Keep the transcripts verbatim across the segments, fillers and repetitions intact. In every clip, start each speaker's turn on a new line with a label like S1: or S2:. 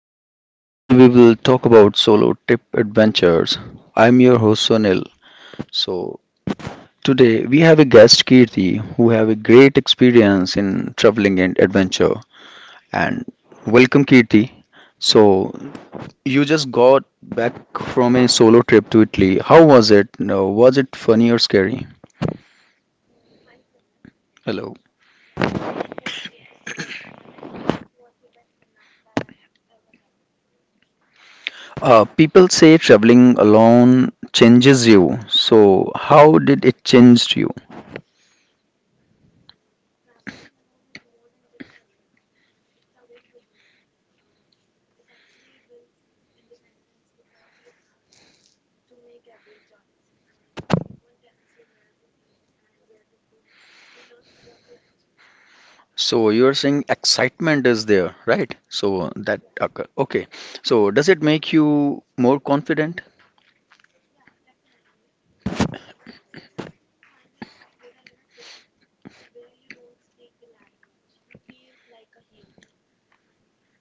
S1: the show. Today we will talk about solo trip adventures. I'm your host Sonil. So today we have a guest Kirti who have a great experience in traveling and adventure. And welcome Kirti. So you just got back from a solo trip to Italy. How was it? No, was it funny or scary? Hello. Uh, people say traveling alone changes you. So how did it change you? So you're saying excitement is there, right? So that occur. Okay. So does it make you more confident?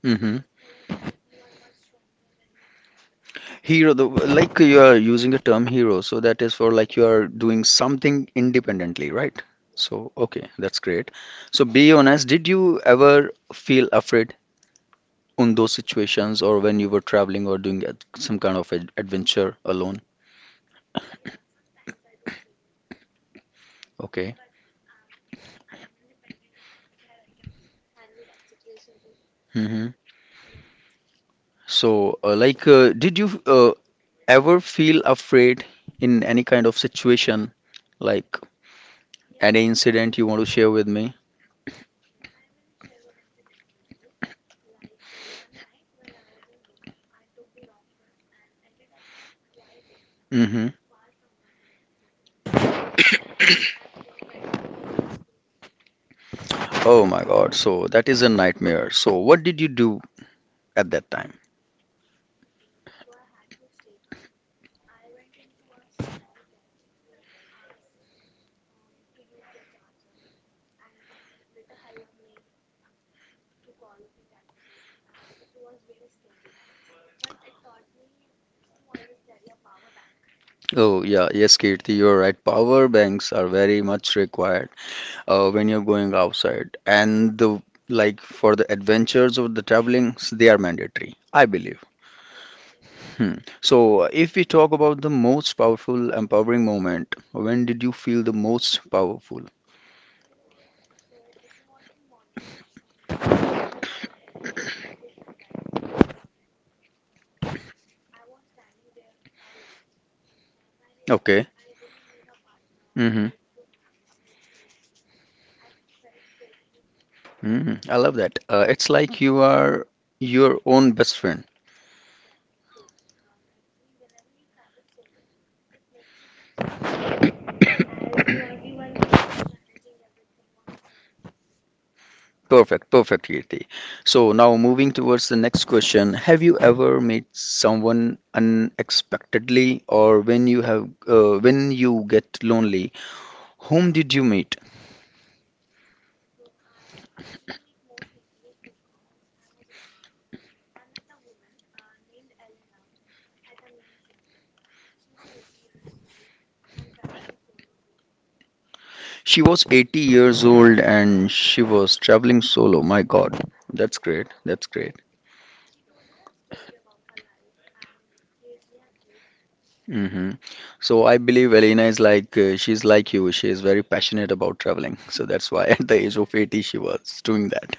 S1: Mm-hmm. Hero, the, like you are using the term hero, so that is for like you are doing something independently, right? So okay, that's great. So be honest, did you ever feel afraid in those situations or when you were traveling or doing ad- some kind of ad adventure alone? Okay. Mm-hmm. So, uh, like, uh, did you uh, ever feel afraid in any kind of situation, like any incident you want to share with me? Mm-hmm. Oh my God. So that is a nightmare. So what did you do at that time? Oh yeah, yes, Kirti, you're right. Power banks are very much required uh, when you're going outside, and the like for the adventures of the travelings, they are mandatory, I believe. Hmm. So if we talk about the most powerful empowering moment, when did you feel the most powerful? Okay. Mm-hmm. Mm, I love that. Uh, it's like you are your own best friend. Perfect, perfect, Kirti. So now moving towards the next question. Have you ever met someone unexpectedly, or when you have uh, when you get lonely, whom did you meet? She was eighty years old and she was traveling solo. My God, that's great. That's great. Hmm. So I believe Elena is like uh, she's like you. She is very passionate about traveling. So that's why at the age of eighty she was doing that.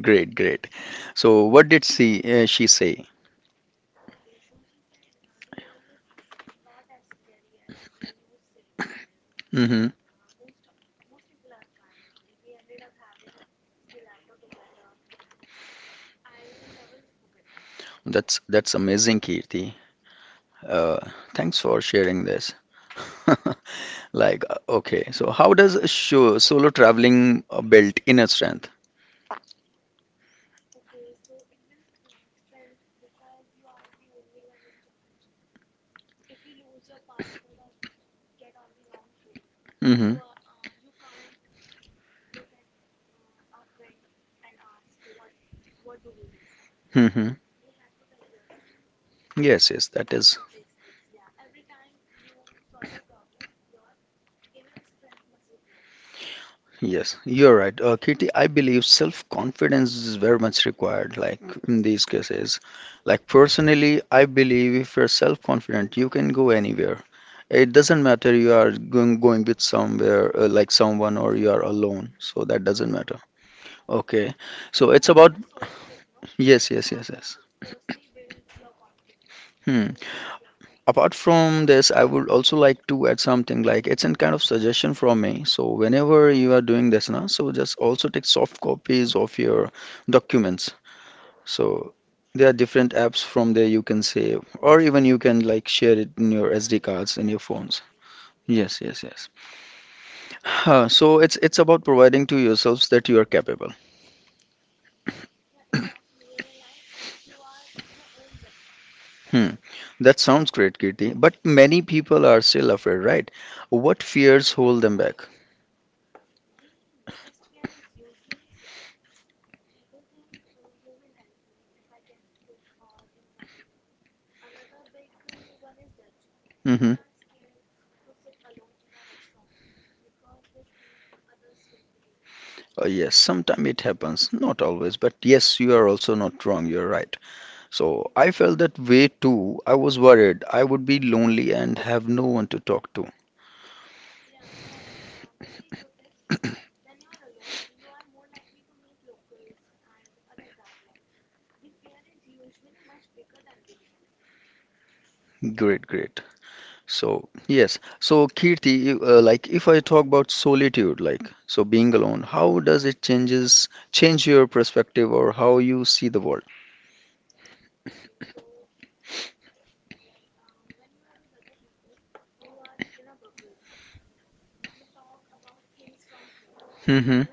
S1: Great, great. So what did she uh, she say? Hmm. That's that's amazing, Kirti. Uh, Thanks for sharing this. Like, uh, okay. So how does a sho- solo traveling uh, build inner strength? Hmm. Hmm. Yes, yes, that is. Yes, you're right. Uh, Kitty, I believe self-confidence is very much required, like in these cases. Like personally, I believe if you're self-confident, you can go anywhere. It doesn't matter you are going going with somewhere uh, like someone or you are alone. So that doesn't matter. Okay. So it's about yes, yes, yes, yes. Hmm. Apart from this, I would also like to add something like it's an kind of suggestion from me. So whenever you are doing this now, so just also take soft copies of your documents. So there are different apps from there you can save, or even you can like share it in your S D cards in your phones. Yes, yes, yes. Huh, so it's it's about providing to yourselves that you are capable. Hmm. That sounds great, Kirti. But many people are still afraid, right? What fears hold them back? Mm-hmm. Uh, yes, sometimes it happens. Not always, but yes, you are also not wrong. You're right. So I felt that way too. I was worried I would be lonely and have no one to talk to. Great, great. So, yes. So, Kirti, you- uh, like if I talk about solitude, like so being alone, how does it changes change your perspective or how you see the world? Hmm.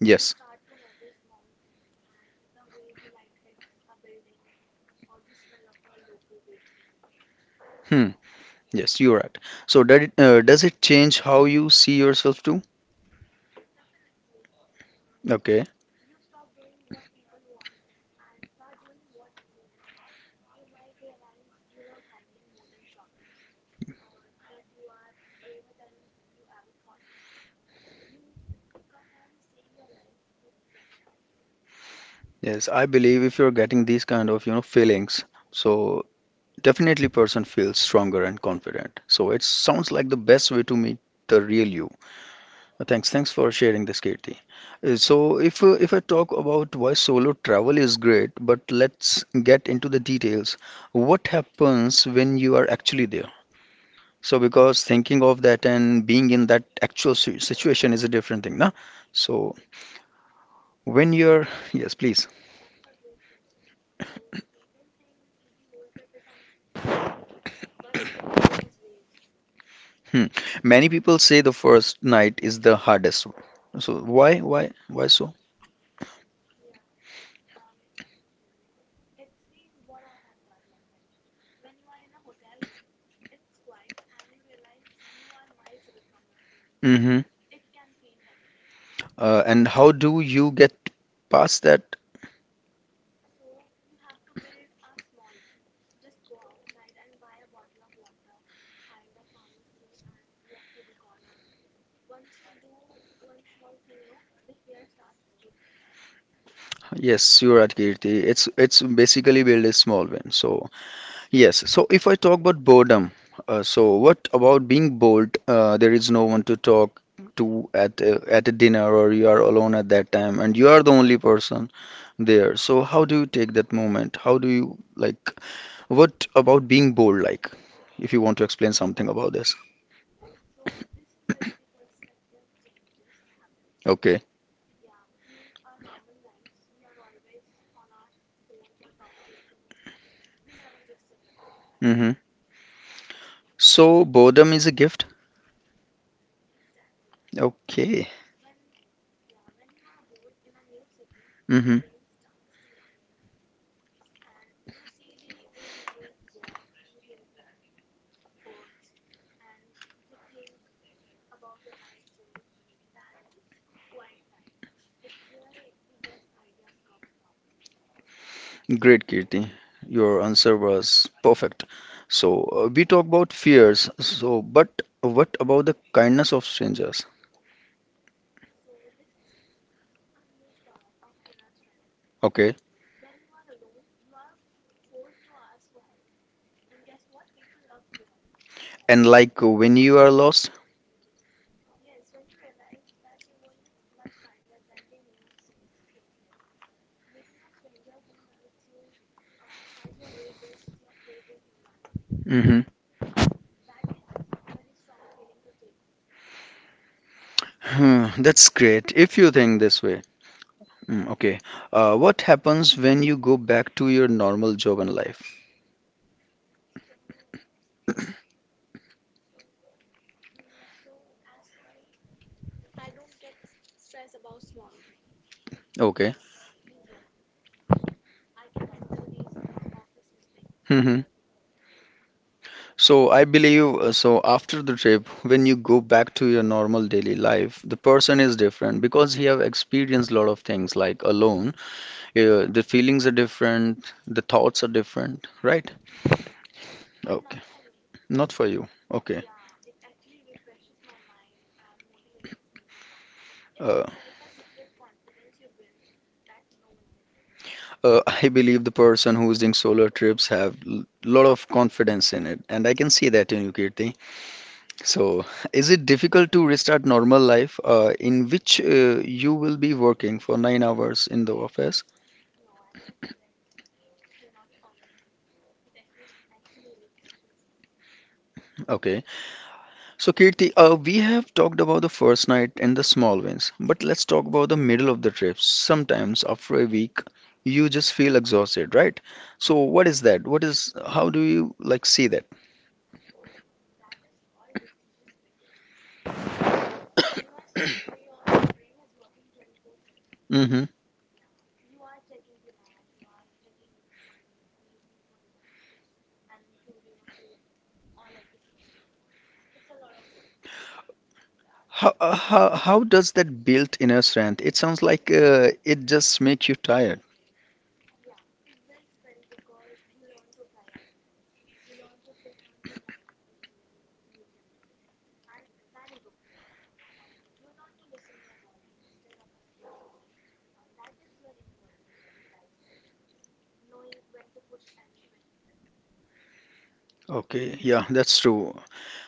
S1: Yes. Hmm. Yes, you're right. So, did it, uh, does it change how you see yourself too? Okay. Yes, I believe if you're getting these kind of, you know, feelings, so definitely person feels stronger and confident. So, it sounds like the best way to meet the real you. Uh, Thanks, thanks for sharing this, Kirti. Uh, So, if uh, if I talk about why solo travel is great, but let's get into the details. What happens when you are actually there? So, because thinking of that and being in that actual si- situation is a different thing, na? So, when you're yes, please. Hmm. Many people say the first night is the hardest one. So, why, why, why so? Mm-hmm. Uh, and how do you get past that? Yes, you're right, Kirti. It's it's basically build a small win. So yes. So if I talk about boredom, uh, so what about being bored? Uh, there is no one to talk to at a, at a dinner, or you are alone at that time, and you are the only person there. So how do you take that moment? How do you like? What about being bored like? If you want to explain something about this. Okay. Mm-hmm. So boredom is a gift. Okay. Mm-hmm. Great, Kirti. Your answer was perfect. So, uh, we talk about fears. So, but what about the kindness of strangers? Okay. And like uh, when you are lost? Mm-hmm. Hmm, that's great if you think this way. Mm, okay. Uh, what happens when you go back to your normal job and life? Okay. Hmm. So I believe uh, so after the trip, when you go back to your normal daily life, the person is different because he have experienced a lot of things like alone. Yeah, the feelings are different, the thoughts are different, right? Okay. Not for you. Okay. Uh, uh, I believe the person who's doing solo trips have l lot of confidence in it, and I can see that in you, Kirti. So, is it difficult to restart normal life, uh, in which uh, you will be working for nine hours in the office? Okay. So, Kirti, uh, we have talked about the first night and the small wins, but let's talk about the middle of the trip. Sometimes after a week, you just feel exhausted, right? So, what is that? What is, how do you like see that? Mm-hmm. How, uh, how, how does that built inner strength? It sounds like uh, it just makes you tired. Okay, yeah, that's true.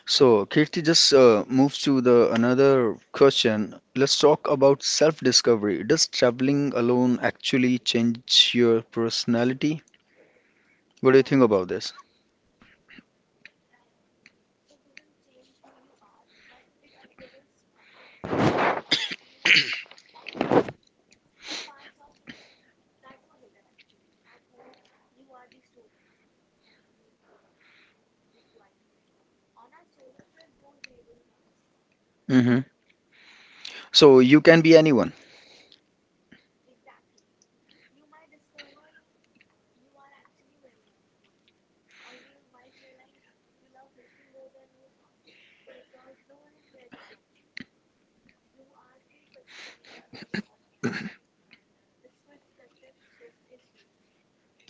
S1: So, Kirti just uh, moves to the another question. Let's talk about self-discovery. Does traveling alone actually change your personality? What do you think about this? Hmm. So you can be anyone.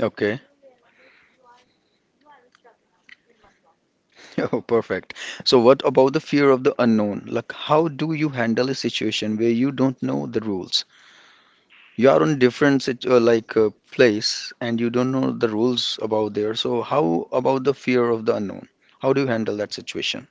S1: Okay. Oh, perfect. So what about the fear of the unknown? Like, how do you handle a situation where you don't know the rules? You are on different sit- uh, like uh, place and you don't know the rules about there. So how about the fear of the unknown? How do you handle that situation?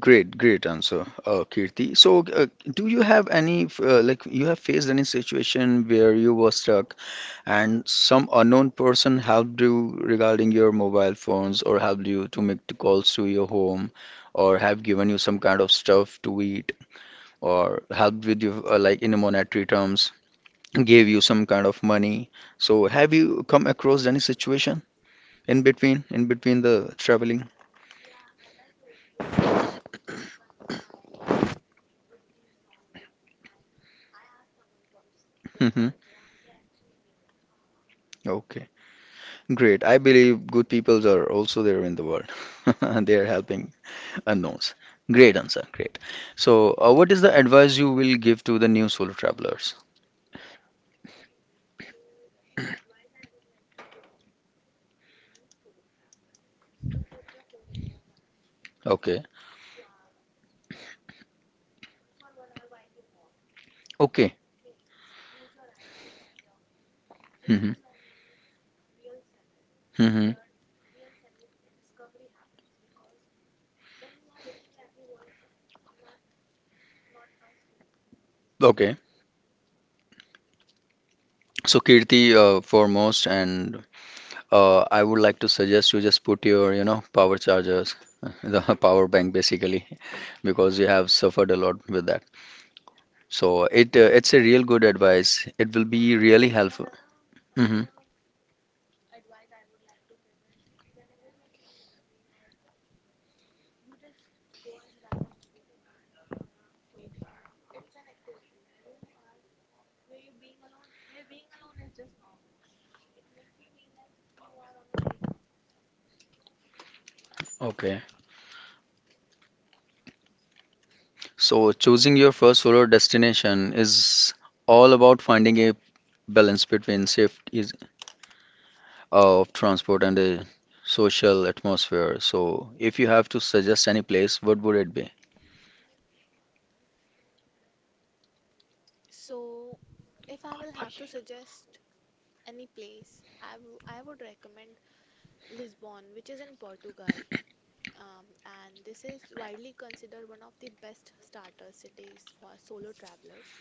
S1: Great, great answer, uh, Kirti. So, uh, do you have any f- uh, like you have faced any situation where you were stuck and some unknown person helped you regarding your mobile phones or helped you to make the calls to your home or have given you some kind of stuff to eat or helped with you uh, like in monetary terms, gave you some kind of money. So, have you come across any situation in between in between the traveling? Hmm. Okay. Great. I believe good peoples are also there in the world. They are helping unknowns. Great answer. Great. So, uh, what is the advice you will give to the new solo travelers? Okay. Okay. Hmm. Hmm. Okay. So, Kirti, uh, foremost, and uh, I would like to suggest you just put your, you know, power chargers, the power bank basically, because you have suffered a lot with that. So, it uh, it's a real good advice. It will be really helpful. Hmm. Okay. So, choosing your first solo destination is all about finding a balance between safety uh, of transport and the social atmosphere. So, if you have to suggest any place, what would it be?
S2: So, if I will have to suggest any place, I w- I would recommend Lisbon, which is in Portugal. Um, and this is widely considered one of the best starter cities for solo travelers,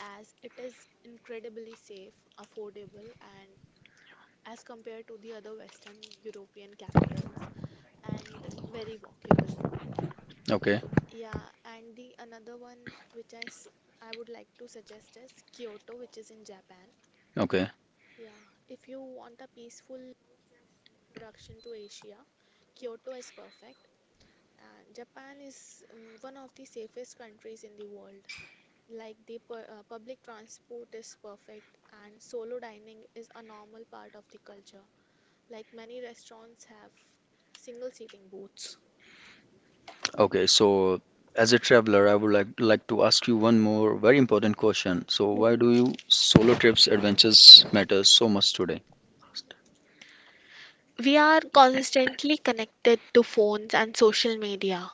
S2: as it is incredibly safe, affordable, and as compared to the other Western European capitals, and very walkable.
S1: Okay,
S2: Yeah, and the another one which I, s- I would like to suggest is Kyoto, which is in Japan.
S1: okay,
S2: Yeah, if you want a peaceful introduction to Asia, Kyoto is perfect. And Japan is um, one of the safest countries in the world. Like the pu- uh, public transport is perfect, and solo dining is a normal part of the culture. Like many restaurants have single seating booths.
S1: okay. So, as a traveler, I would like like to ask you one more very important question. So, why do you solo trips adventures matter so much today?
S2: We are constantly connected to phones and social media.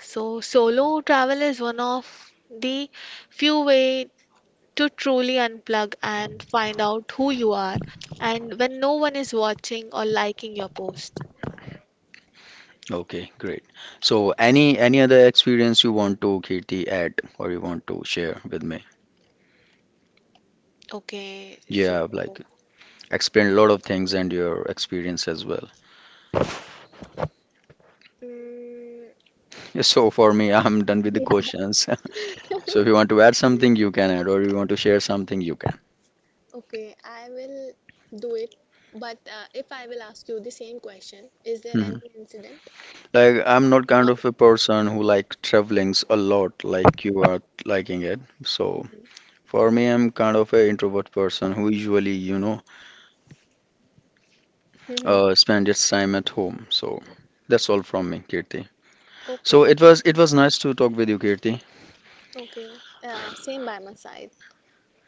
S2: So, solo travel is one of the few way to truly unplug and find out who you are and when no one is watching or liking your post.
S1: Okay, great. So, any any other experience you want to Kirti add or you want to share with me?
S2: Okay, so
S1: Yeah, like. Explained a lot of things and your experience as well.
S2: mm,
S1: So for me, I'm done with the
S2: yeah.
S1: questions. So if you want to add something, you can add, or you want to share something, you can.
S2: Okay, I will do it. But uh, if I will ask you the same question, is there
S1: Mhm.
S2: any incident?
S1: Like I'm not kind
S2: Not.
S1: of a person who like travelings a lot, like you are liking it. So for me, I'm kind of a introvert person who usually, you know,
S2: Mhm.
S1: uh, spend its time at home. So that's all from me, Kirti. So
S2: Okay,
S1: it was it was nice to talk with you, Kirti.
S2: okay. Uh, same by my side.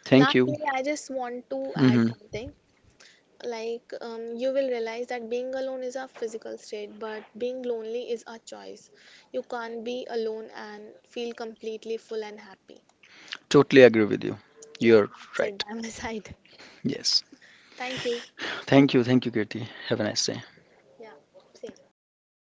S1: Thank you.
S2: Lastly, I just want to add
S1: Hmm.
S2: something. Like um, you will realize that being alone is a physical state, but being lonely is a choice. You can't be alone and feel completely full and happy.
S1: Totally agree with you.
S2: Yeah,
S1: You're
S2: that's it
S1: right.
S2: by my side.
S1: Yes.
S2: Thank you.
S1: Thank you. Thank you, Kirti. Have a nice day.
S2: Yeah, same.